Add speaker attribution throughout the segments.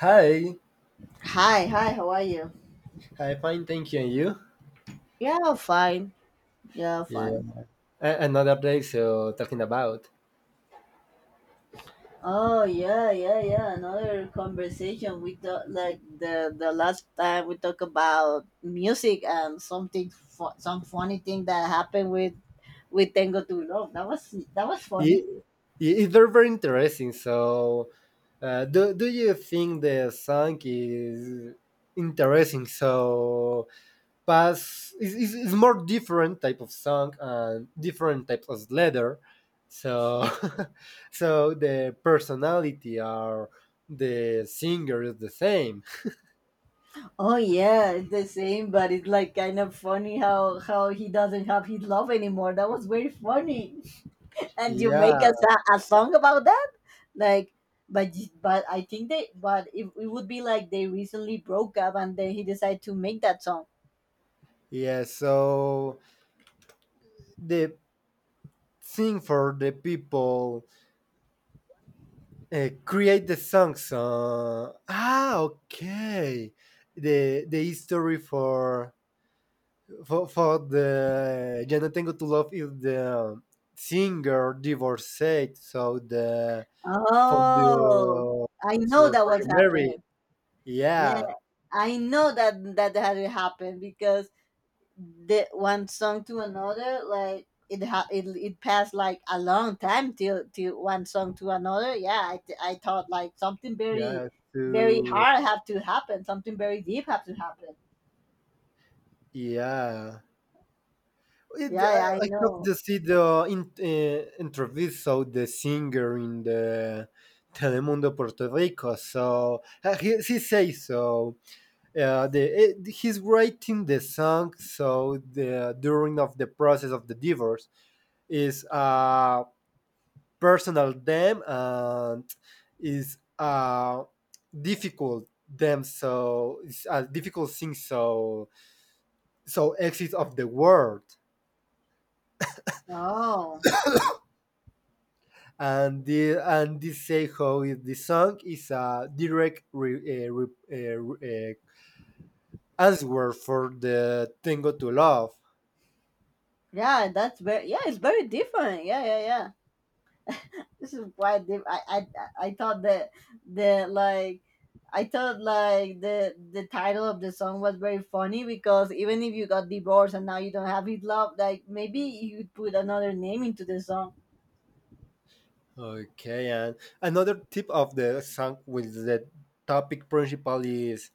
Speaker 1: Hi,
Speaker 2: Hi, hi, how are you?
Speaker 1: hi, fine, thank you. And you?
Speaker 2: Yeah, fine. Yeah,
Speaker 1: Yeah,
Speaker 2: fine.
Speaker 1: Another place. So talking about
Speaker 2: Oh yeah, yeah, yeah. Another conversation, we talk like the last time we talk about music and something some funny thing that happened with Tango to Love. That was funny.
Speaker 1: it, it's very interesting. So, do you think the song is interesting? So, past is more different type of song and different types of letter. So, so the personality or the singer is the same.
Speaker 2: Oh yeah, it's the same, but it's like kind of funny how he doesn't have his love anymore. That was very funny. And you make
Speaker 1: Yeah,
Speaker 2: us a song about that? Like, but but I think they but it would be like they recently broke up and then he decided to make that song.
Speaker 1: yeah. So the sing for the people, create the songs. Okay. The history for the Ya no tengo tu love is the singer divorced, so the for the
Speaker 2: Oh, I know
Speaker 1: for,
Speaker 2: that
Speaker 1: for the
Speaker 2: was
Speaker 1: Mary,
Speaker 2: happening. Yeah,
Speaker 1: yeah,
Speaker 2: I know that that had it happened because the one song to another, like it, it passed like a long time till one song to another. Yeah, I thought like something very
Speaker 1: yeah,
Speaker 2: very
Speaker 1: to
Speaker 2: hard have to happen, something very deep have to happen.
Speaker 1: yeah.
Speaker 2: Yeah,
Speaker 1: I,
Speaker 2: I
Speaker 1: I have
Speaker 2: know.
Speaker 1: to see the interview. So the singer in the Telemundo Puerto Rico. So he says so. He's writing the song. So the during of the process of the divorce is a personal them and is a difficult them. So it's a difficult thing. So so exit of the world.
Speaker 2: Oh.
Speaker 1: And they say how the song is a direct uh, re- uh, answer for the Tango to Love.
Speaker 2: Yeah, that's very it's very different. Yeah, yeah, yeah. This is why I thought that the like I thought like the title of the song was very funny because even if you got divorced and now you don't have his love, like maybe you would put another name into the song.
Speaker 1: Okay, and another tip of the song with the topic principal is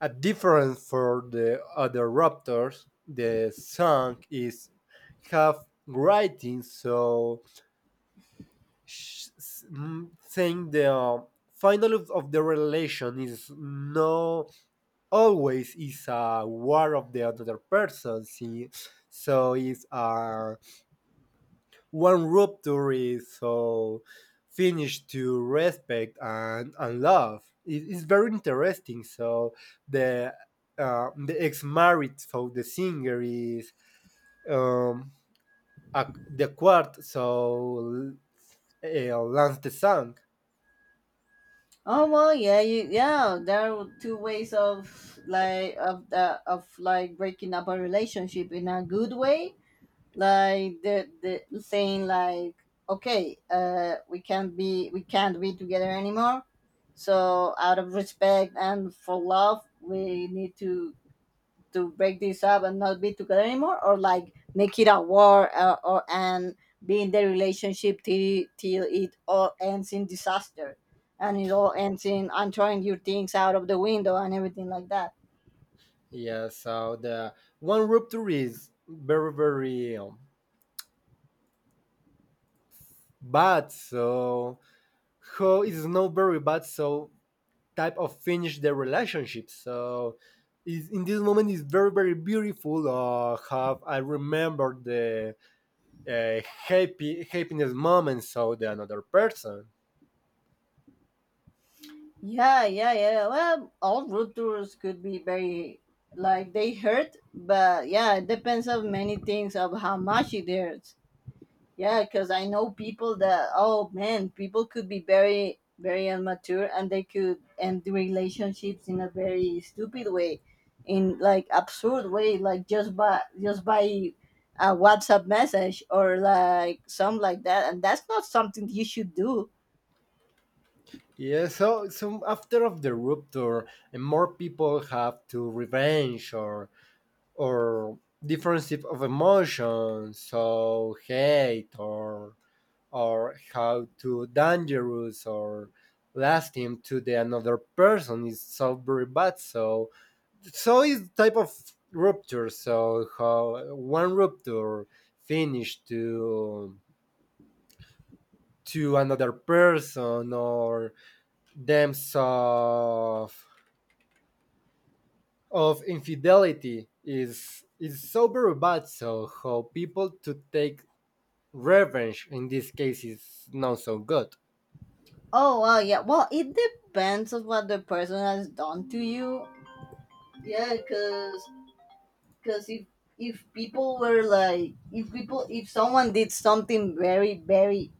Speaker 1: a difference for the other raptors. The song is have writing, so saying the final of the relation is no always is a war of the other person. See, so it's one rupture is so finished to respect and love. It's very interesting. So the the ex married, so the singer is um, a, the quart, so Lance the Sang.
Speaker 2: Oh well, yeah, yeah. There are two ways of, like, of the of like breaking up a relationship in a good way, like the saying like, okay, we can't be together anymore, so out of respect and for love we need to break this up and not be together anymore, or like make it a war, or and be in the relationship till it all ends in disaster and it all ends in I'm throwing your things out of the window and everything like that.
Speaker 1: Yeah, so the one rupture is very bad. So how is not very bad so type of finish the relationship so is in this moment is very very beautiful, uh, have I remember the uh, happy happiness moment so the another person.
Speaker 2: Yeah, yeah, yeah. Well, all road tours could be very, like, they hurt, but yeah, it depends on many things of how much it hurts. Yeah, because I know people that, oh man, people could be very very immature and they could end the relationships in a very stupid way, in like absurd way, like just by a WhatsApp message or like something like that, and that's not something you should do.
Speaker 1: Yeah, so so after of the rupture and more people have to revenge or different type of emotions so hate or how to dangerous or lasting to the another person is so very bad. So so is type of rupture. So how one rupture finish to another person or dams of infidelity is so very bad. So how people to take revenge in this case is not so good.
Speaker 2: Oh, well, yeah. Well, it depends on what the person has done to you. Yeah, because cause if people were like if people if someone did something very very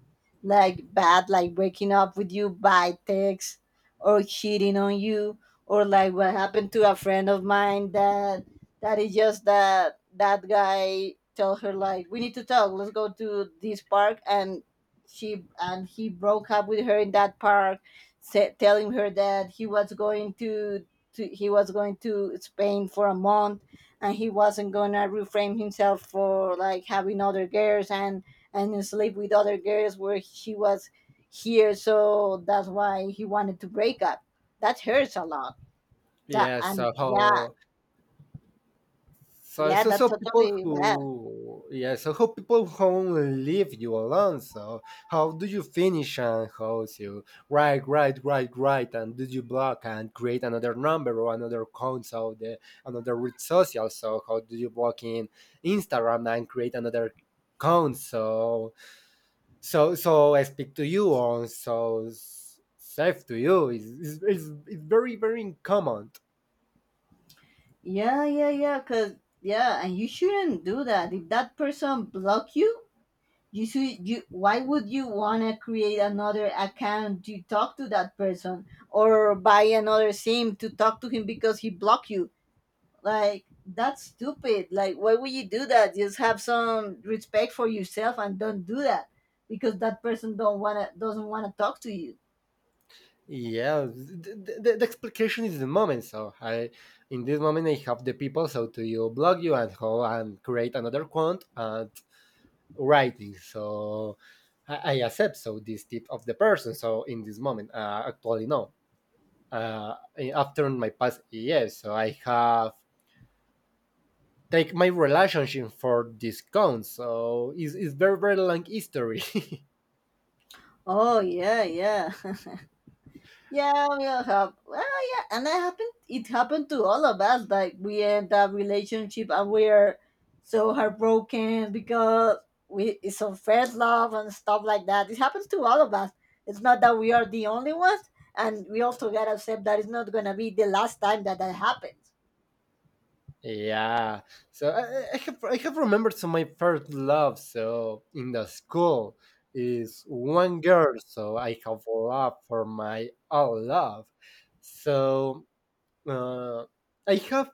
Speaker 2: like bad, like breaking up with you by text or cheating on you, or like what happened to a friend of mine that that is just that that guy tell her like we need to talk, let's go to this park, and she and he broke up with her in that park, telling her that he was going to Spain for a month and he wasn't gonna reframe himself for like having other girls and sleep with other girls where she was here. So that's why he wanted to break up. That hurts a lot. That
Speaker 1: Yes.
Speaker 2: and
Speaker 1: So
Speaker 2: yeah,
Speaker 1: how so,
Speaker 2: yeah,
Speaker 1: so,
Speaker 2: that
Speaker 1: so people
Speaker 2: totally bad.
Speaker 1: who, yeah, so how people who only leave you alone. So, how do you finish and how is you write, and did you block and create another number or another account, so the another red social. So, how do you block in Instagram and create another account? So, so I speak to you on so safe to you. It's very common.
Speaker 2: Yeah, yeah, yeah. Cause Yeah, and you shouldn't do that. If that person block you, you should. You, why would you wanna create another account to talk to that person or buy another SIM to talk to him because he blocked you? Like, that's stupid. Like, why would you do that? Just have some respect for yourself and don't do that because that person don't wanna doesn't wanna talk to you.
Speaker 1: Yeah, the explication is the moment. So I, in this moment, I have the people. So to you blog you and how and create another quant and writing. So I accept. So this tip of the person. So in this moment, actually no. Uh, after my past years, so I have take my relationship for this count. So it's very very long history.
Speaker 2: Oh yeah, yeah. Yeah, we all have. Well, yeah, and that happened. It happened to all of us. Like, we end that relationship, and we are so heartbroken because we it's unfair love and stuff like that. It happens to all of us. It's not that we are the only ones, and we also gotta accept that it's not gonna be the last time that that happens.
Speaker 1: Yeah, so I have I have remembered so my first love. So in the school is one girl. So I have love for my own love. So uh, I have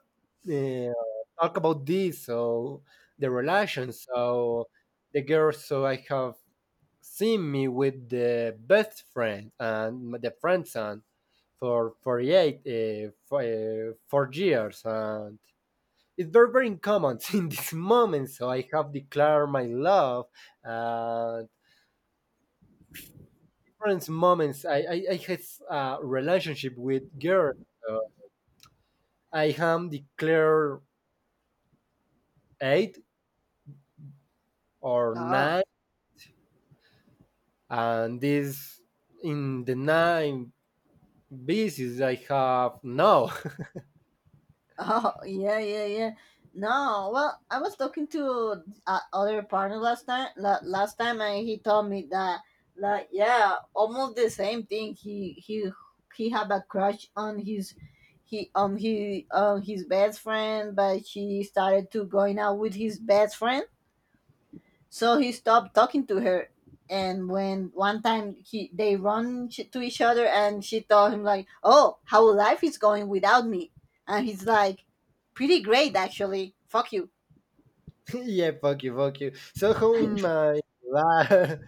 Speaker 1: uh, talk about this. So the relation. So the girl. So I have seen me with the best friend and the friend son for 48 4 years, and it's very very uncommon. In this moment, so I have declared my love, uh different moments. I had a relationship with girls, so I am declared eight or
Speaker 2: Oh.
Speaker 1: nine, and this in the nine basis I have no.
Speaker 2: Oh, yeah, yeah, yeah. No, well, I was talking to other partner last time. Last time, and he told me that, like, yeah, almost the same thing. He he had a crush on his he on his best friend, but she started to going out with his best friend, so he stopped talking to her, and when one time he they to each other, and she told him like, "Oh, how life is going without me," and he's like, "Pretty great, actually. Fuck you."
Speaker 1: Yeah, fuck you, fuck you. So how in my life,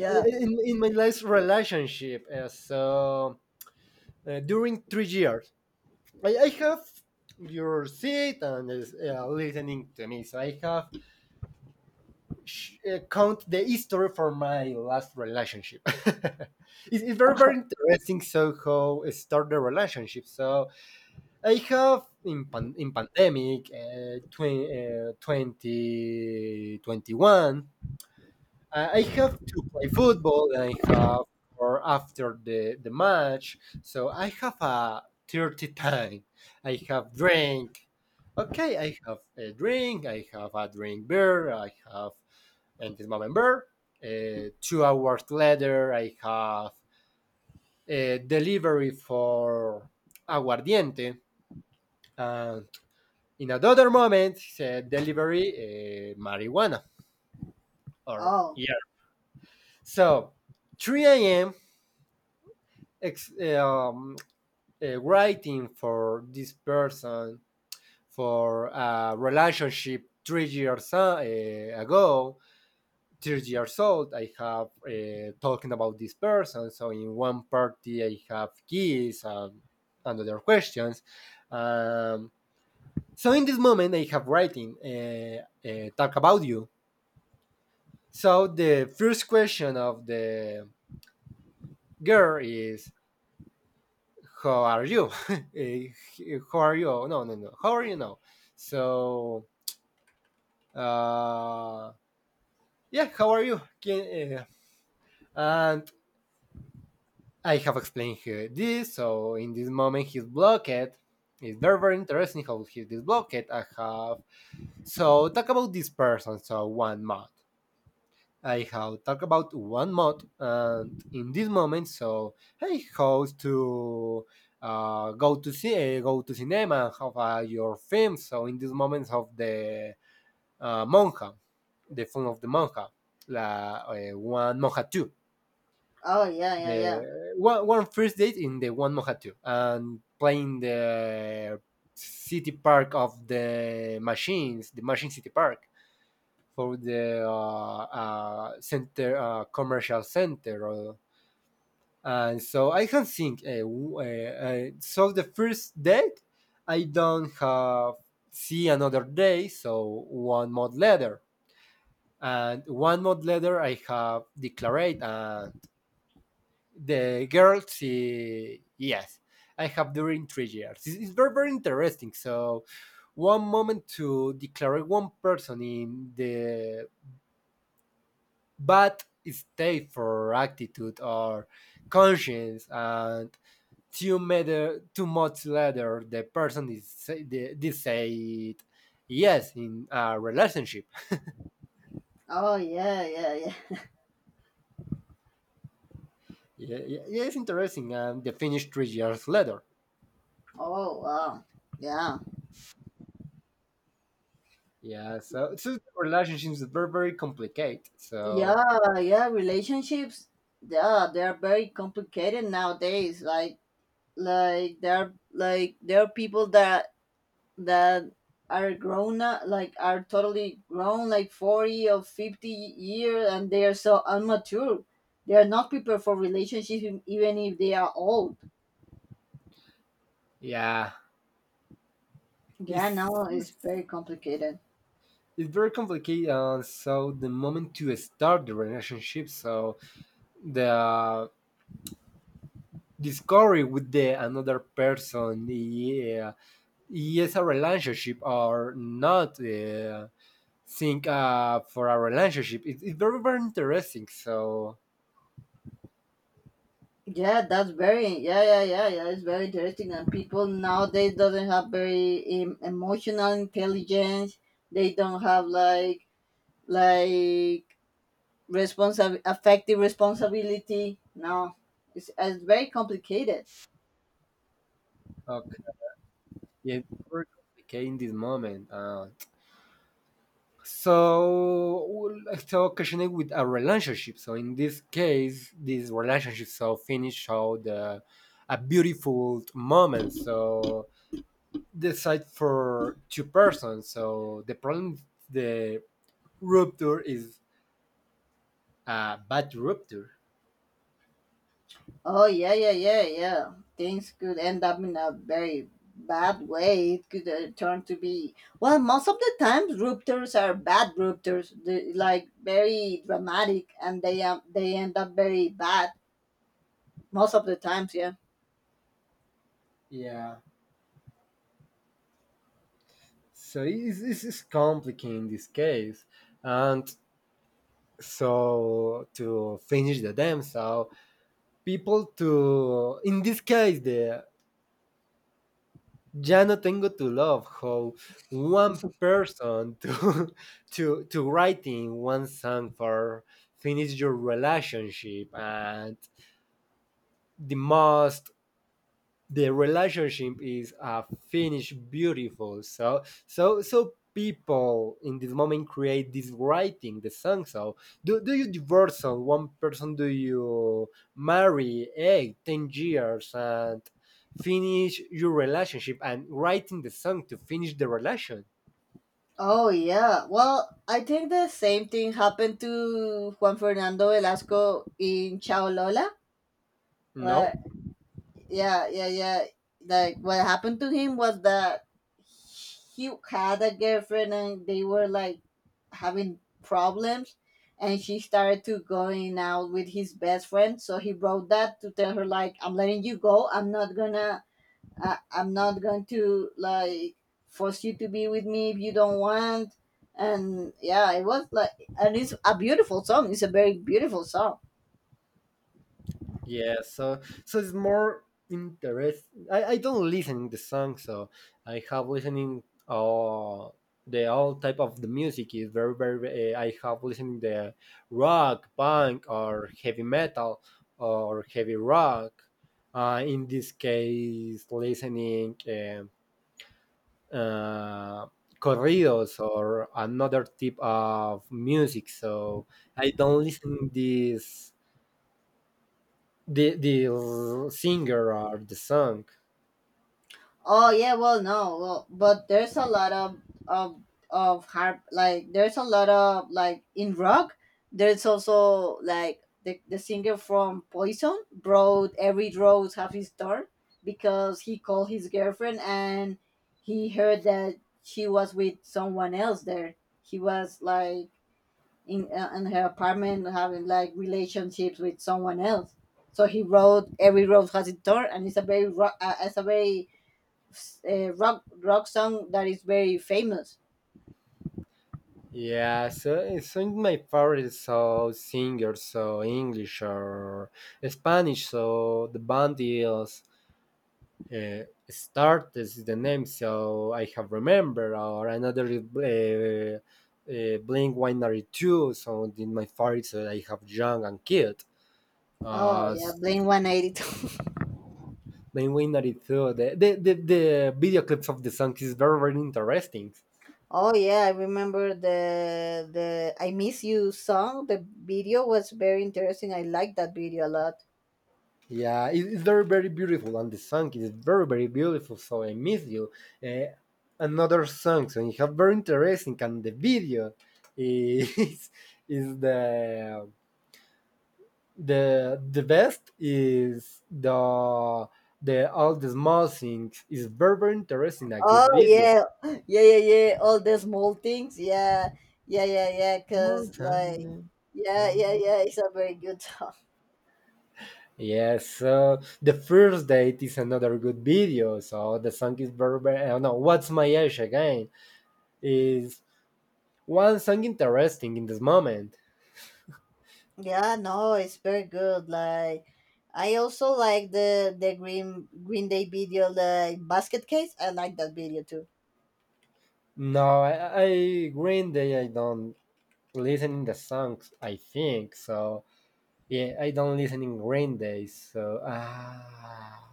Speaker 1: in my last relationship, during 3 years, I have your seat and, listening to me. So I have count the history for my last relationship. It's very very interesting. So how I start the relationship. So I have in pandemic, 2021. I have to play football, and I have or after the match. So I have a dirty time. I have drink. Okay, I have a drink. I have a drink beer. I have and this moment beer. 2 hours later, I have a delivery for aguardiente. And in another moment, delivery, marijuana or
Speaker 2: Oh.
Speaker 1: yeah. So 3 a.m. ex- um, writing for this person for a relationship 3 years ago, 3 years old. I have, talking about this person. So in one party, I have keys and other questions. Um, so in this moment, I have writing, talk about you. So the first question of the girl is, how are you? Eh, how are you? No. How are you now? So, uh, yeah, how are you? And I have explained here this. So in this moment, he's blocked. It's very interesting how he's blocked. I have so talk about this person. So 1 month. I have talked about one mod, and in this moment, so I hope to, go to see, go to cinema and have, your film. So in this moment of the, monja, the film of the monja, la, one monja two,
Speaker 2: Oh yeah yeah yeah.
Speaker 1: the one first date in the one monja two, and playing the city park of the machines, the machine city park for the, center, commercial center or, and so I can think, so the first date I don't have see another day, so 1 month later, and 1 month later I have declared, and the girl she yes. I have during 3 years. It's very very interesting. So one moment to declare one person in the but stay for attitude or conscience, and 2 months later the person is decide yes in a relationship.
Speaker 2: Oh yeah yeah yeah.
Speaker 1: Yeah, it's interesting, and they finished 3 years later.
Speaker 2: Oh wow. Yeah.
Speaker 1: Yeah, so so relationships are very very complicated, so
Speaker 2: Yeah yeah. Relationships. Yeah, they're very complicated nowadays. Like like there are people that that are grown up, like are totally grown like 40 or 50 years and they are so unmature, they are not prepared for relationships, even if they are old.
Speaker 1: yeah.
Speaker 2: Yeah,
Speaker 1: it's,
Speaker 2: now it's
Speaker 1: it's
Speaker 2: very complicated.
Speaker 1: it's very complicated, and so the moment to start the relationship, so the discovery with the another person. Yeah, yes a relationship or not, think, for a relationship, it's very very interesting, so
Speaker 2: Yeah, that's very yeah it's very interesting, and people nowadays doesn't have very emotional intelligence, they don't have like, responsible affective responsibility, no. It's, it's very complicated.
Speaker 1: okay. Yeah, it's very complicated in this moment, so well, so occasionally with a relationship, so in this case this relationship so finish out the a beautiful moment, so decide for two persons, so the problem, the rupture is a bad rupture.
Speaker 2: Oh yeah, yeah, yeah, yeah. Things could end up in a very bad way. It could, turn to be well. Most of the times, ruptures are bad ruptures. They, like, very dramatic, and they end up very bad most of the times. Yeah.
Speaker 1: Yeah. So it's complicated in this case. And so to finish the damn, so people to in this case the ya no tengo to love, how one person to to writing one song for finish your relationship, and the most the relationship is, finished beautiful. So so so people in this moment create this writing the song. So do you divorce on one person, do you marry 8 10 years and finish your relationship and writing the song to finish the relation?
Speaker 2: Oh yeah. Well, I think the same thing happened to Juan Fernando Velasco in Chao Lola.
Speaker 1: No.
Speaker 2: Yeah yeah yeah, like what happened to him was that he had a girlfriend and they were like having problems, and she started to going out with his best friend, so he wrote that to tell her like, I'm letting you go, I'm not gonna, I'm not going to, like, force you to be with me if you don't want. And yeah, it was like, and it's a beautiful song, it's a very beautiful song.
Speaker 1: Yeah, so so it's more interest. I don't listen the song, so I have listening, uh, the all type of the music is very very. I have listening the rock, punk, or heavy metal, or heavy rock. In this case, listening, uh, corridos or another type of music. So I don't listen this the singer or the song.
Speaker 2: Oh yeah, well no, well, but there's a lot of of of harp, like there's a lot of like in rock. There's also like the singer from Poison wrote Every Rose Have Its Thorn because he called his girlfriend and he heard that she was with someone else there. He was like in, in her apartment having like relationships with someone else. So he wrote Every Rose Has Its Thorn, and it's a very it's a very rock rock song that is very famous.
Speaker 1: Yeah, so it's in my favorite so singer, so English or Spanish. So the band is, uh, start is the name, so I have remember or another, Blink One Ninety Two. So in my favorite, so I have young and kid.
Speaker 2: Oh
Speaker 1: Uh,
Speaker 2: yeah, Blink 182.
Speaker 1: Blink One Ninety Two. The the video clips of the song is very very interesting.
Speaker 2: Oh yeah, I remember the I Miss You song. The video was very interesting. I liked that video a lot.
Speaker 1: Yeah, it's very, very beautiful, and the song is very, very beautiful. So I miss you. Uh, another song, so you have very interesting, and the video is is the best is the all the small things is very, very interesting. A good
Speaker 2: Oh
Speaker 1: video.
Speaker 2: yeah, yeah yeah yeah. All the small things. Yeah yeah yeah yeah.
Speaker 1: Small
Speaker 2: Cause like
Speaker 1: time.
Speaker 2: yeah yeah yeah. It's a very good song.
Speaker 1: Yes, so the first date is another good video. So the song is very, very. I don't know. What's my age again? Is one song interesting in this moment.
Speaker 2: Yeah no, it's very good. Like. I also like the Green Day video, the Basket Case. I like that video too.
Speaker 1: No, I Green Day. I don't listening the songs. I think so. Yeah, I don't listening Green Day. So ah,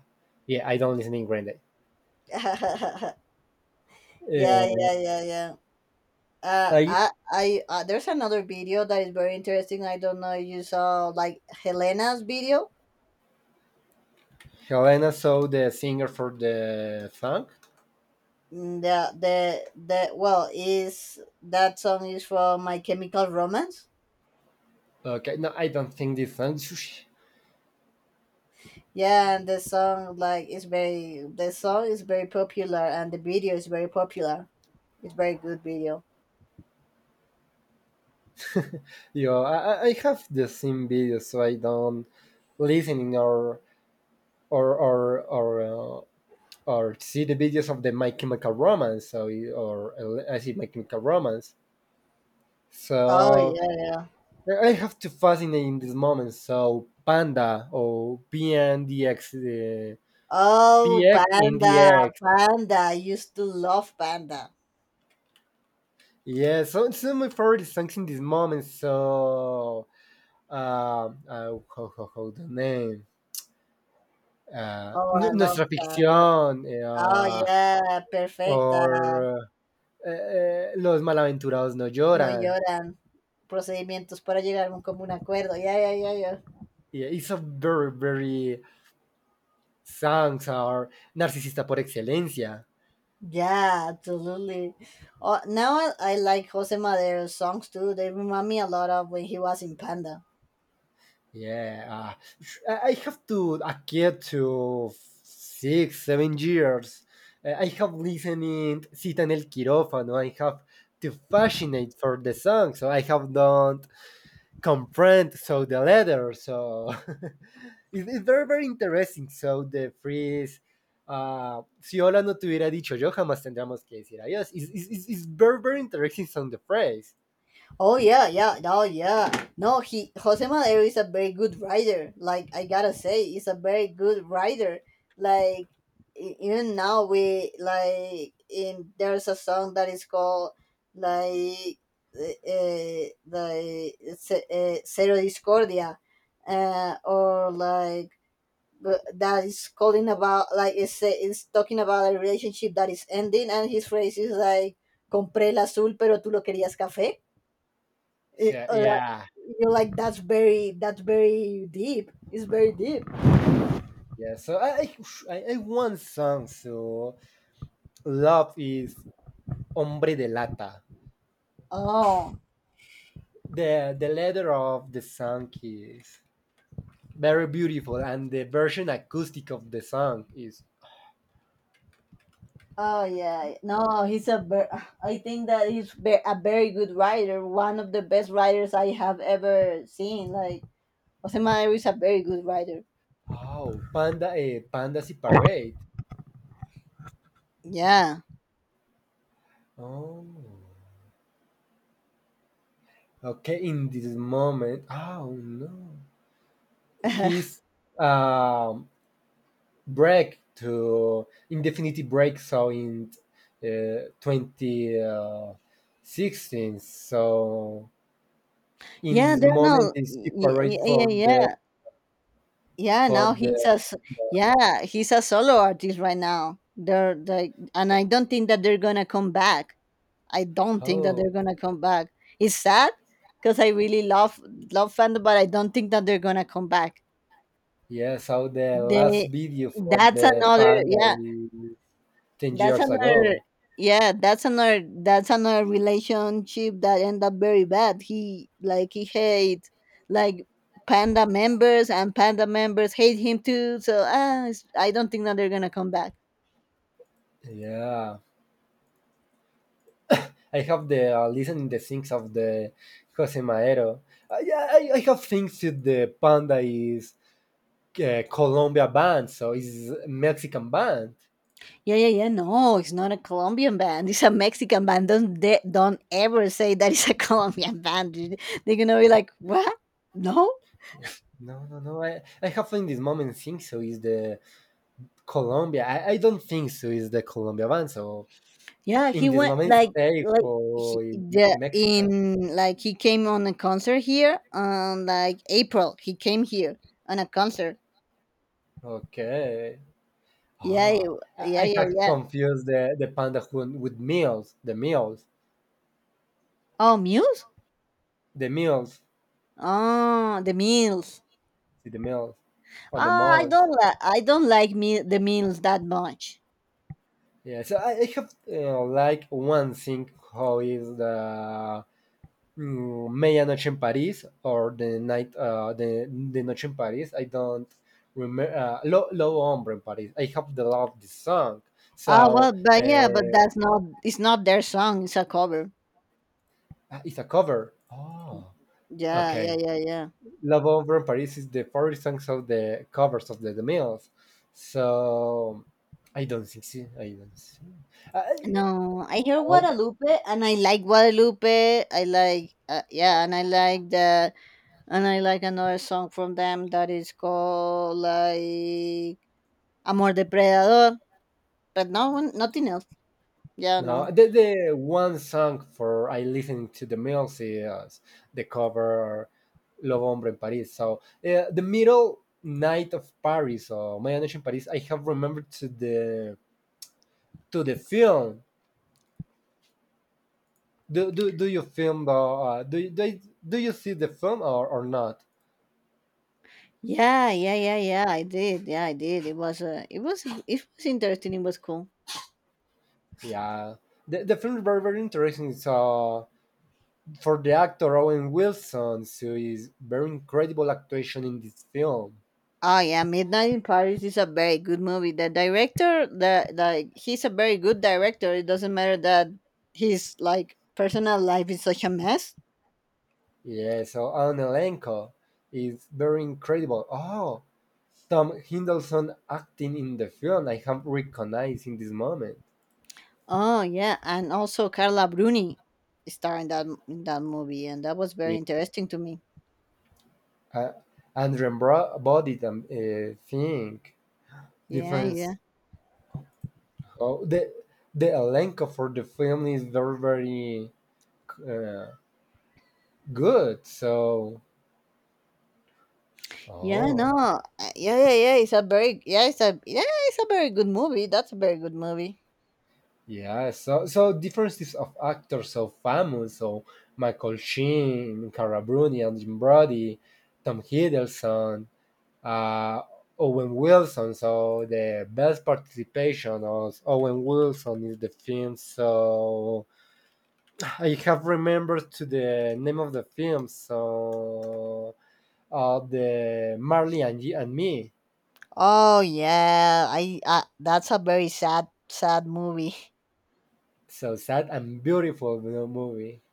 Speaker 1: yeah, I don't listening Green Day.
Speaker 2: Yeah,
Speaker 1: Yeah.
Speaker 2: yeah, yeah, yeah.
Speaker 1: I
Speaker 2: There's another video that is very interesting. I don't know if you saw like Helena's video.
Speaker 1: Helena saw the singer for the song.
Speaker 2: Mm, well, is that song is from My Chemical Romance.
Speaker 1: Okay, no, I don't think this song.
Speaker 2: Yeah, and the song like is very, the song is very popular, and the video is very popular. It's very good video.
Speaker 1: Yo, I have the same video, so I don't listening or or or or uh, see the videos of the My Chemical Romance, so or, I see My Chemical Romance.
Speaker 2: Oh
Speaker 1: So
Speaker 2: yeah, yeah.
Speaker 1: I have to fascinate in this moment. So Panda or PNDX,
Speaker 2: Oh,
Speaker 1: PX in the
Speaker 2: Panda,
Speaker 1: X.
Speaker 2: Panda. I used to love Panda.
Speaker 1: Yeah, so it's my favorite songs in this moment. So uh, uh how, how the name?
Speaker 2: Oh, I love
Speaker 1: Nuestra
Speaker 2: Panda.
Speaker 1: Ficción
Speaker 2: Oh, ya, perfecta.
Speaker 1: or Los Malaventurados No
Speaker 2: No
Speaker 1: Lloran.
Speaker 2: lloran. Procedimientos para llegar a un común acuerdo. Ya, ya, ya, ya.
Speaker 1: Yeah, it's a very, very songs are narcissista por excelencia.
Speaker 2: Yeah, absolutely. Oh, now I like Jose Madero's songs too. They remind me a lot of when he was in Panda.
Speaker 1: Yeah, I have to a kid to six, 7 years. I have listening Sita en el I have to fascinate for the song, so I have don't comprehend so the letter. So it's very very interesting. So the phrase si Ola no te hubiera dicho yo, jamás tendríamos que decir adiós. It's very, very interesting on the phrase.
Speaker 2: Oh yeah, yeah, oh yeah. No, he Jose Madero is a very good writer. Like, I gotta say, he's a very good writer. Like, even now we like in there's a song that is called like, the Cero Discordia, or like, but that is calling about, like, it's, it's talking about a relationship that is ending, and his phrase is like, compré el azul pero tú lo querías café. Eh,
Speaker 1: So,
Speaker 2: uh,
Speaker 1: yeah.
Speaker 2: you're like that's very deep. It's very deep.
Speaker 1: Yeah, so I, I I one song. So love is Hombre de Lata.
Speaker 2: Oh,
Speaker 1: The letter of the song is very beautiful, and the version acoustic of the song is
Speaker 2: oh yeah. No, I think that a very good writer. One of the best writers I have ever seen. Like, Jose Madero is a very good writer.
Speaker 1: oh panda pandas y parade.
Speaker 2: Yeah.
Speaker 1: Oh, okay. In this moment, oh no, he's um break to indefinite break. So in 2016, so in
Speaker 2: Yeah,
Speaker 1: this
Speaker 2: they're.
Speaker 1: moment they
Speaker 2: Yeah,
Speaker 1: separate
Speaker 2: yeah, yeah. Yeah,
Speaker 1: for
Speaker 2: now he's
Speaker 1: the
Speaker 2: a. s- yeah, he's a solo artist right now. They're like, and I don't think that they're gonna come back. I don't think that they're
Speaker 1: oh
Speaker 2: gonna come back. It's sad because I really love fandom, but I don't think that they're gonna come back.
Speaker 1: yeah. So the last
Speaker 2: They
Speaker 1: video for
Speaker 2: that's
Speaker 1: the
Speaker 2: another
Speaker 1: panda
Speaker 2: yeah
Speaker 1: is ten
Speaker 2: that's
Speaker 1: years
Speaker 2: another
Speaker 1: ago.
Speaker 2: yeah, that's another relationship that end up very bad. He like he hates, like, panda members, and panda members hate him too. So ah, it's- I don't think that they're gonna come back.
Speaker 1: Yeah, I have the listening the things of the Jose Madero. Yeah, I have things that the Panda is Colombia band, so it's Mexican band.
Speaker 2: Yeah, yeah, yeah. No, it's not a Colombian band. It's a Mexican band. Don't they, don't ever say that it's a Colombian band, dude. They're gonna be like, what? No.
Speaker 1: No, no, no. I have in this moment think so is the Colombia. I don't think so is the Colombia one. So
Speaker 2: Yeah, he
Speaker 1: in this
Speaker 2: went
Speaker 1: moment stay
Speaker 2: like he,
Speaker 1: for
Speaker 2: the
Speaker 1: Mexican.
Speaker 2: in like he came on a concert here on like April. He came here on a concert.
Speaker 1: Okay. Ah,
Speaker 2: Yeah,
Speaker 1: I
Speaker 2: yeah,
Speaker 1: have
Speaker 2: yeah.
Speaker 1: confused the panda hun with meals. The meals.
Speaker 2: Oh, Muse.
Speaker 1: The meals.
Speaker 2: Oh, the Mills.
Speaker 1: See the meals. Or the malls.
Speaker 2: I don't like me the Mills that much.
Speaker 1: Yeah. So I have like one thing how is the Medianoche in Paris or the night the Noche in Paris. I don't remember Lo Hombre in Paris. I have the love this song.
Speaker 2: Ah, well,
Speaker 1: So
Speaker 2: but yeah, but that's not it's not their song, it's a cover.
Speaker 1: it's a cover. Oh,
Speaker 2: Yeah, yeah,
Speaker 1: okay.
Speaker 2: yeah, yeah.
Speaker 1: Love Hombre in Paris is the favorite songs of the covers of the Mills. So I don't think so. I don't see. I,
Speaker 2: No, I hear
Speaker 1: oh,
Speaker 2: Guadalupe and I like Guadalupe. I like yeah, and I like that, and I like another song from them that is called like Amor Depredador, but no one nothing else. Yeah, no.
Speaker 1: no, the one song for I listening to the music is the cover "Love Hombre in Paris." So the middle night of Paris or My in Paris, I have remembered to the film. Do you film the do you see the film or not?
Speaker 2: Yeah, yeah, yeah, yeah, I did. Yeah, I did. It was it was interesting. It was cool.
Speaker 1: Yeah, the film is very very interesting. So for the actor Owen Wilson, so is very incredible actuation in this film.
Speaker 2: Oh yeah, Midnight in Paris is a very good movie. The director, he's a very good director. It doesn't matter that his like personal life is such a mess.
Speaker 1: Yeah, so Anne Elenko is very incredible. Oh, Tom Hiddleston acting in the film, I have recognized in this moment.
Speaker 2: Oh yeah, and also Carla Bruni starred in that movie, and that was very
Speaker 1: Yeah.
Speaker 2: interesting to me.
Speaker 1: Uh, Andrew Bro- body thing
Speaker 2: Yeah, yeah,
Speaker 1: difference. Oh, the Elenko for the film is very very uh, good. So
Speaker 2: yeah. No,
Speaker 1: oh
Speaker 2: yeah, yeah, yeah. It's a very good movie. That's a very good movie.
Speaker 1: yeah, so so differences of actors so famous, so Michael Sheen, Cara Bruni, Jim Brody, Tom Hiddleston, uh, Owen Wilson. So the best participation of Owen Wilson is the film. So I have remembered to the name of the film. So the Marley and Me.
Speaker 2: Oh yeah, I that's a very sad sad movie.
Speaker 1: So sad and beautiful movie.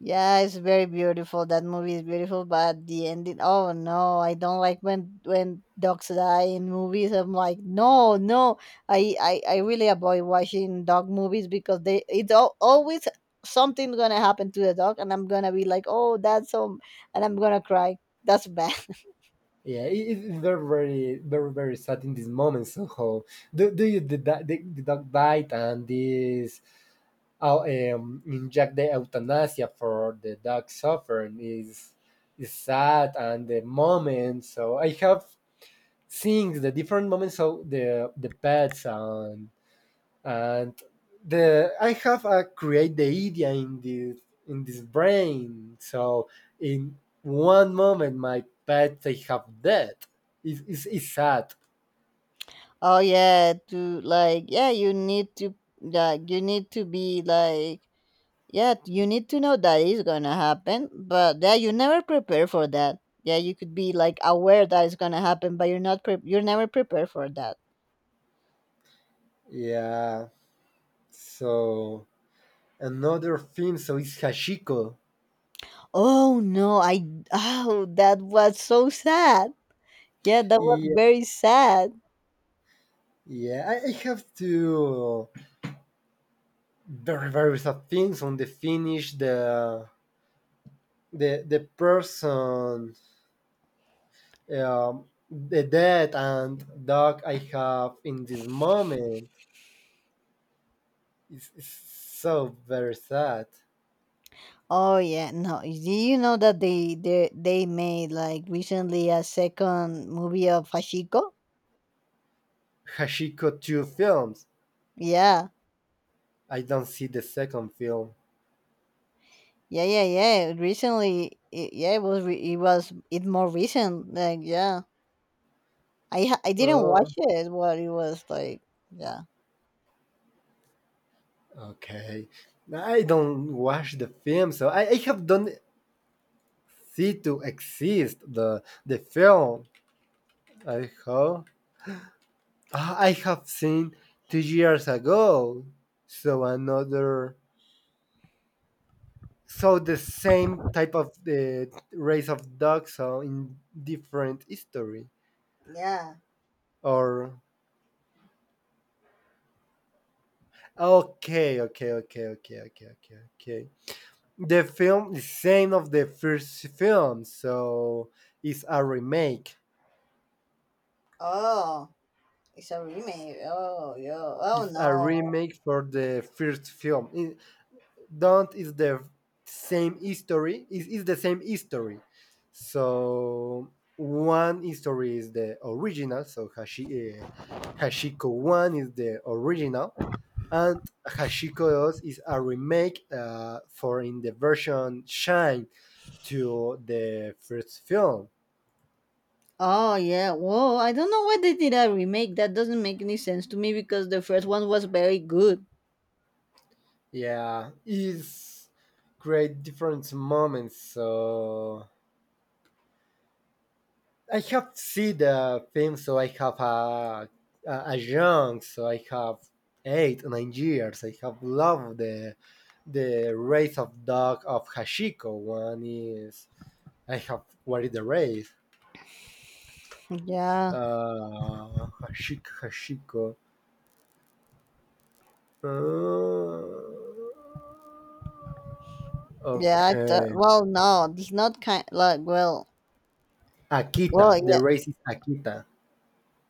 Speaker 2: Yeah, it's very beautiful. That movie is beautiful, but the ending. Oh no, I don't like when dogs die in movies. I'm like, no, no. I really avoid watching dog movies because they always something gonna happen to the dog, and I'm gonna be like, oh, that's so, and I'm gonna cry. That's bad.
Speaker 1: Yeah, they're very, very, very sad in this moment. Somehow, do you the dog died and this inject the euthanasia for the dog suffering is sad and the moment. So I have seen the different moments of the pets and the I have a create the idea in the in this brain. So in one moment, my pet they have dead. It's, it's, sad.
Speaker 2: Oh yeah, to like yeah, you need to like you need to be like, yeah, you need to know that is gonna happen, but yeah, you never prepare for that. Yeah, you could be like aware that it's gonna happen, but you're never prepared for that.
Speaker 1: Yeah. So another film. So it's Hachiko.
Speaker 2: Oh no, I oh, that was so sad. Yeah, that was
Speaker 1: Yeah.
Speaker 2: very sad.
Speaker 1: Yeah. I have to very very sad things on the finish. The the person. The dead and dog I have in this moment it's so very sad.
Speaker 2: Oh yeah, no. Do you know that they made like recently a second movie of Hashiko?
Speaker 1: Hashiko two films.
Speaker 2: Yeah.
Speaker 1: I don't see the second film.
Speaker 2: Yeah, yeah, yeah. Recently, yeah, it was it more recent. Like, yeah. I didn't watch
Speaker 1: Oh,
Speaker 2: it, but it was like, yeah.
Speaker 1: okay. I don't watch the film, so I have don't see to exist the film. I hope ah, I have seen 2 years ago. So another, so the same type of the race of dogs, so in different history
Speaker 2: Yeah.
Speaker 1: or okay, okay, okay, okay, okay, okay, okay. The film is same of the first film, so it's a remake.
Speaker 2: Oh, it's a remake. Oh, yo. Oh
Speaker 1: It's a
Speaker 2: no.
Speaker 1: remake for the first film. It, don't is the same history. It is the same history. So one history is the original. So Hashi, Hashiko one is the original, and Hashiko 2 is a remake for in the version Shine to the first film.
Speaker 2: Oh yeah. Whoa, I don't know why they did a remake. That doesn't make any sense to me because the first one was very good.
Speaker 1: Yeah, is great different moments. So I have seen the film, so I have a young, so I have 8 9 years. I have loved the race of dog of Hashiko. One is I have what is the race?
Speaker 2: Yeah.
Speaker 1: Uh, Hashiko Hashiko. Uh,
Speaker 2: Yeah, I thought
Speaker 1: okay,
Speaker 2: it's not kind like well
Speaker 1: Akita.
Speaker 2: yeah.
Speaker 1: The race is Akita.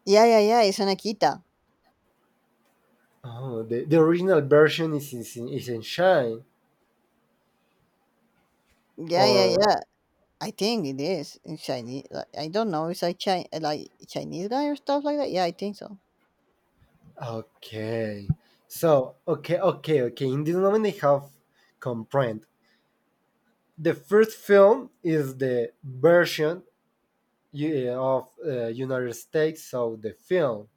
Speaker 2: Yeah, yeah, yeah, it's an Akita.
Speaker 1: Oh, the original version is, is in Shine
Speaker 2: Yeah, yeah,
Speaker 1: or
Speaker 2: yeah. I think it is in Chinese. Like, I don't know. It's like Chinese guy or stuff like that. Yeah, I think so.
Speaker 1: okay. So okay, okay, okay. In this moment, I have comprehend. The first film is the version you- of United States, so the film,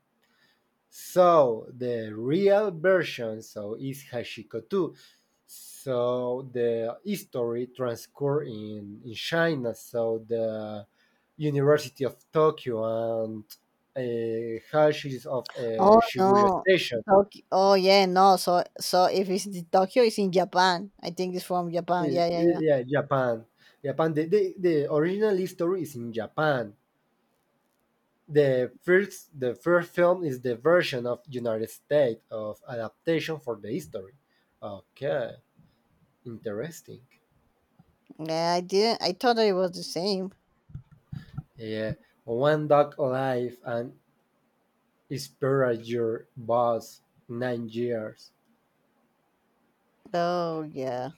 Speaker 1: so the real version so is Hashiko 2. So the history transcurs in China. So the University of Tokyo and uh, Hashis of
Speaker 2: Oh
Speaker 1: Shibuya
Speaker 2: no,
Speaker 1: Station.
Speaker 2: Tokyo. Oh yeah, no. So if it's the Tokyo, it's in Japan. I think it's from Japan. Yeah, yeah, yeah.
Speaker 1: Yeah, Japan. Japan. The original history is in Japan. The first film is the version of United States of adaptation for the history. Okay, interesting.
Speaker 2: Yeah, I didn't. I thought it was the same.
Speaker 1: Yeah, one Dog alive and Inspirator Boss, 9 years.
Speaker 2: Oh yeah,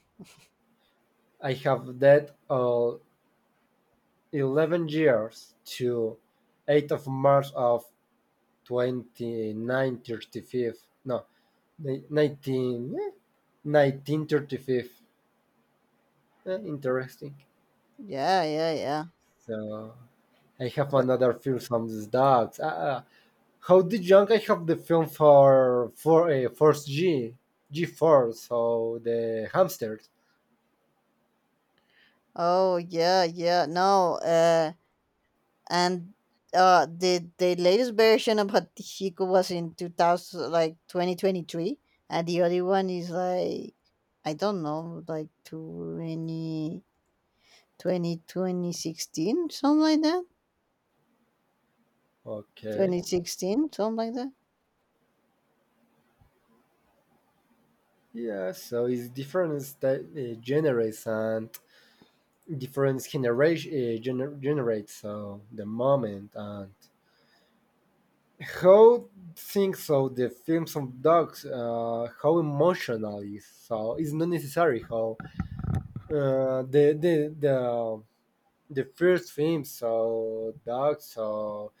Speaker 1: I have that all 11 years to 8th of March of 2935. No, 19, 1935. Eh, interesting.
Speaker 2: yeah, yeah, yeah.
Speaker 1: So I have
Speaker 2: Wh-
Speaker 1: another film from these dogs. How did young I have the film for Force G G four. So the hamsters.
Speaker 2: Oh yeah, yeah. No. And the latest version of Hatihiko was in two thousand, like 2023, and the other one is like, I don't know, like 2016, something like that.
Speaker 1: Okay.
Speaker 2: 2016, something like that.
Speaker 1: Yeah, so it's different generates and different generation generates so the moment and how think so the films of dogs how emotional is so it's not necessary how the the first film so dogs so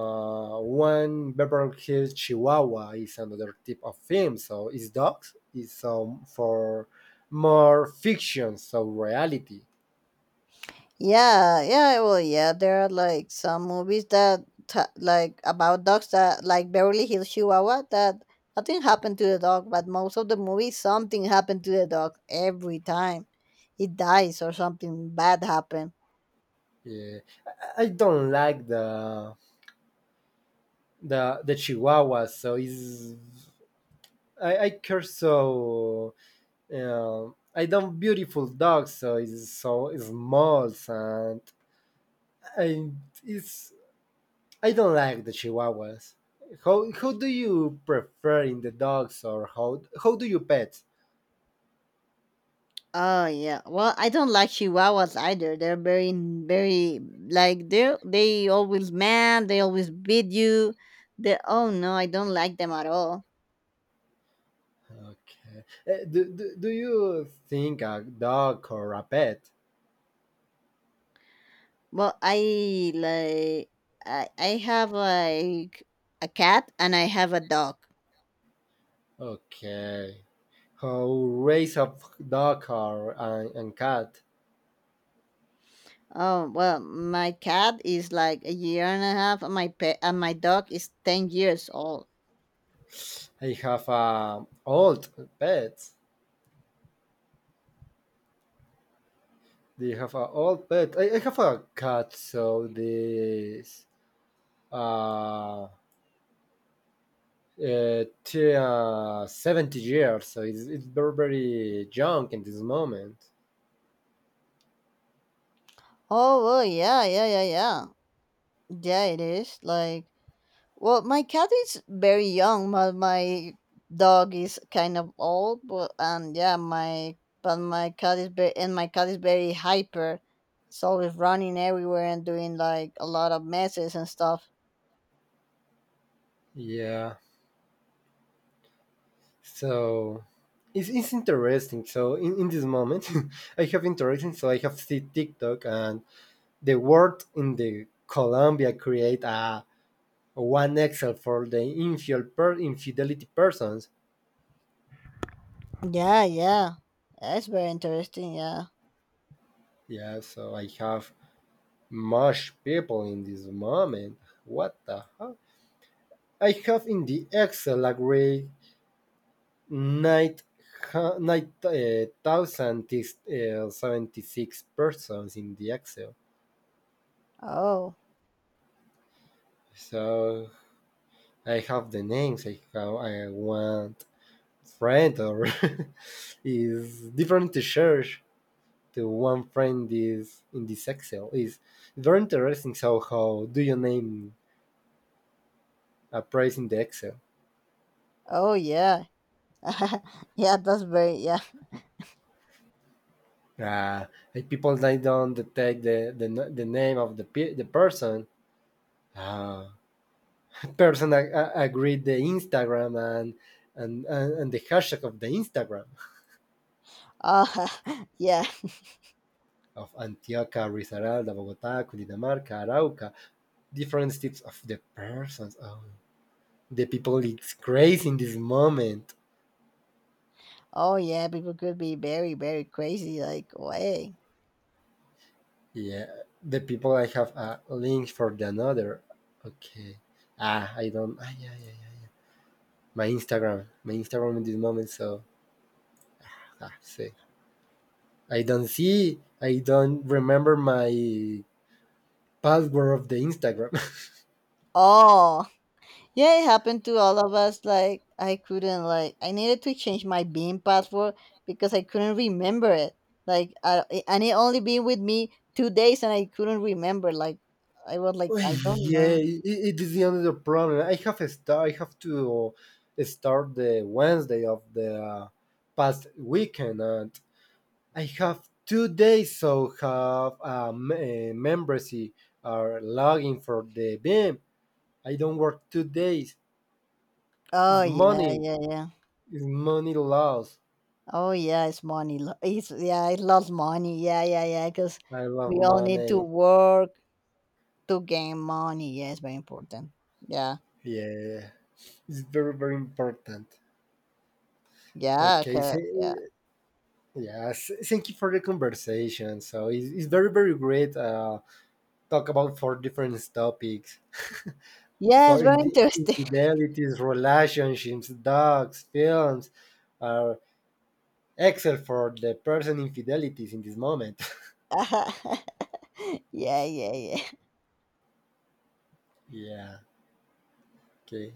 Speaker 1: One Beverly Hills Chihuahua is another type of film. So it's dogs. It's for more fiction, so reality.
Speaker 2: Yeah, yeah, well, yeah, there are like some movies that ta like about dogs, that like Beverly Hills Chihuahua, that nothing happened to the dog, but most of the movie something happened to the dog every time. It dies or something bad happened.
Speaker 1: Yeah. I don't like the the Chihuahua, so it's I care so uh, I don't beautiful dogs, so it's so small and it's I don't like the Chihuahuas. How do you prefer in the dogs or how do you pet?
Speaker 2: Oh yeah. Well, I don't like Chihuahuas either. They're very, very they are, they always mad. They always beat you. They oh no, I don't like them at all.
Speaker 1: Okay. Do you think a dog or a pet?
Speaker 2: Well, I like, I have like a cat and I have a dog.
Speaker 1: Okay. How race of dog or and cat?
Speaker 2: Oh well, my cat is like a year and a half, and my pet and my dog is 10 years old.
Speaker 1: I have a old pet. Do you have a old pet? I have a cat, so this uh to 70 years. So it's very junk in this moment.
Speaker 2: Oh well, yeah, yeah, yeah, yeah, yeah. It is like, well, my cat is very young, but my dog is kind of old. But yeah, my cat is very hyper. It's always running everywhere and doing like a lot of messes and stuff.
Speaker 1: Yeah. So it's interesting. So in this moment, I have interesting. So I have seen TikTok and the word in the Colombia create a one Excel for the infidelity persons.
Speaker 2: Yeah, yeah. That's very interesting, yeah.
Speaker 1: Yeah. So I have much people in this moment. What the hell? I have in the Excel agree. nine nine thousand 76 persons in the Excel.
Speaker 2: Oh.
Speaker 1: So I have the names. I have I want friend or is different to share. The one friend is in this Excel is very interesting. So how do you name a price in the Excel?
Speaker 2: Oh yeah. Yeah, that's very yeah.
Speaker 1: Uh, like people they don't detect the name of the person. Uh, person agreed the Instagram and the hashtag of the Instagram
Speaker 2: Uh, yeah.
Speaker 1: of Antioquia, Risaralda, Bogotá, Cundinamarca, Arauca, different states of the persons. Oh, the people it's crazy in this moment.
Speaker 2: Oh yeah, people could be very, very crazy, like way.
Speaker 1: Yeah, the people I have a link for the another. Okay. Ah, I don't. Ah, yeah, yeah, yeah, yeah. My Instagram in this moment. So ah, see. I don't remember my password of the Instagram.
Speaker 2: Oh. Yeah, it happened to all of us. Like I couldn't like I needed to change my beam password because I couldn't remember it. Like, I and it only been with me 2 days and I couldn't remember. Like, I was like, I don't
Speaker 1: Yeah,
Speaker 2: know.
Speaker 1: it is the only problem. I have a start. I have to start the Wednesday of the past weekend, and I have 2 days. So have membership or login for the BIM. I M. I don't work 2 days.
Speaker 2: Oh
Speaker 1: It's
Speaker 2: yeah,
Speaker 1: money.
Speaker 2: yeah, yeah.
Speaker 1: It's money loss.
Speaker 2: Oh yeah, it's money. It's yeah, it loves money. Yeah, yeah, yeah. Because
Speaker 1: I
Speaker 2: we
Speaker 1: love
Speaker 2: all need to
Speaker 1: money.
Speaker 2: work to gain money. Yeah, it's very important. Yeah,
Speaker 1: Yeah, it's very very important.
Speaker 2: yeah,
Speaker 1: Okay, so,
Speaker 2: yeah,
Speaker 1: yes, thank you for the conversation. So it's very very great. Talk about four different topics
Speaker 2: yeah. It's
Speaker 1: for
Speaker 2: very interesting.
Speaker 1: infidelities, relationships, dogs, films are except for the person infidelities in this moment.
Speaker 2: Yeah, yeah, yeah.
Speaker 1: yeah. Okay.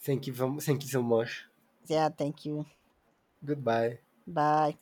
Speaker 1: Thank you. Thank you so much.
Speaker 2: Yeah, thank you.
Speaker 1: Goodbye.
Speaker 2: Bye.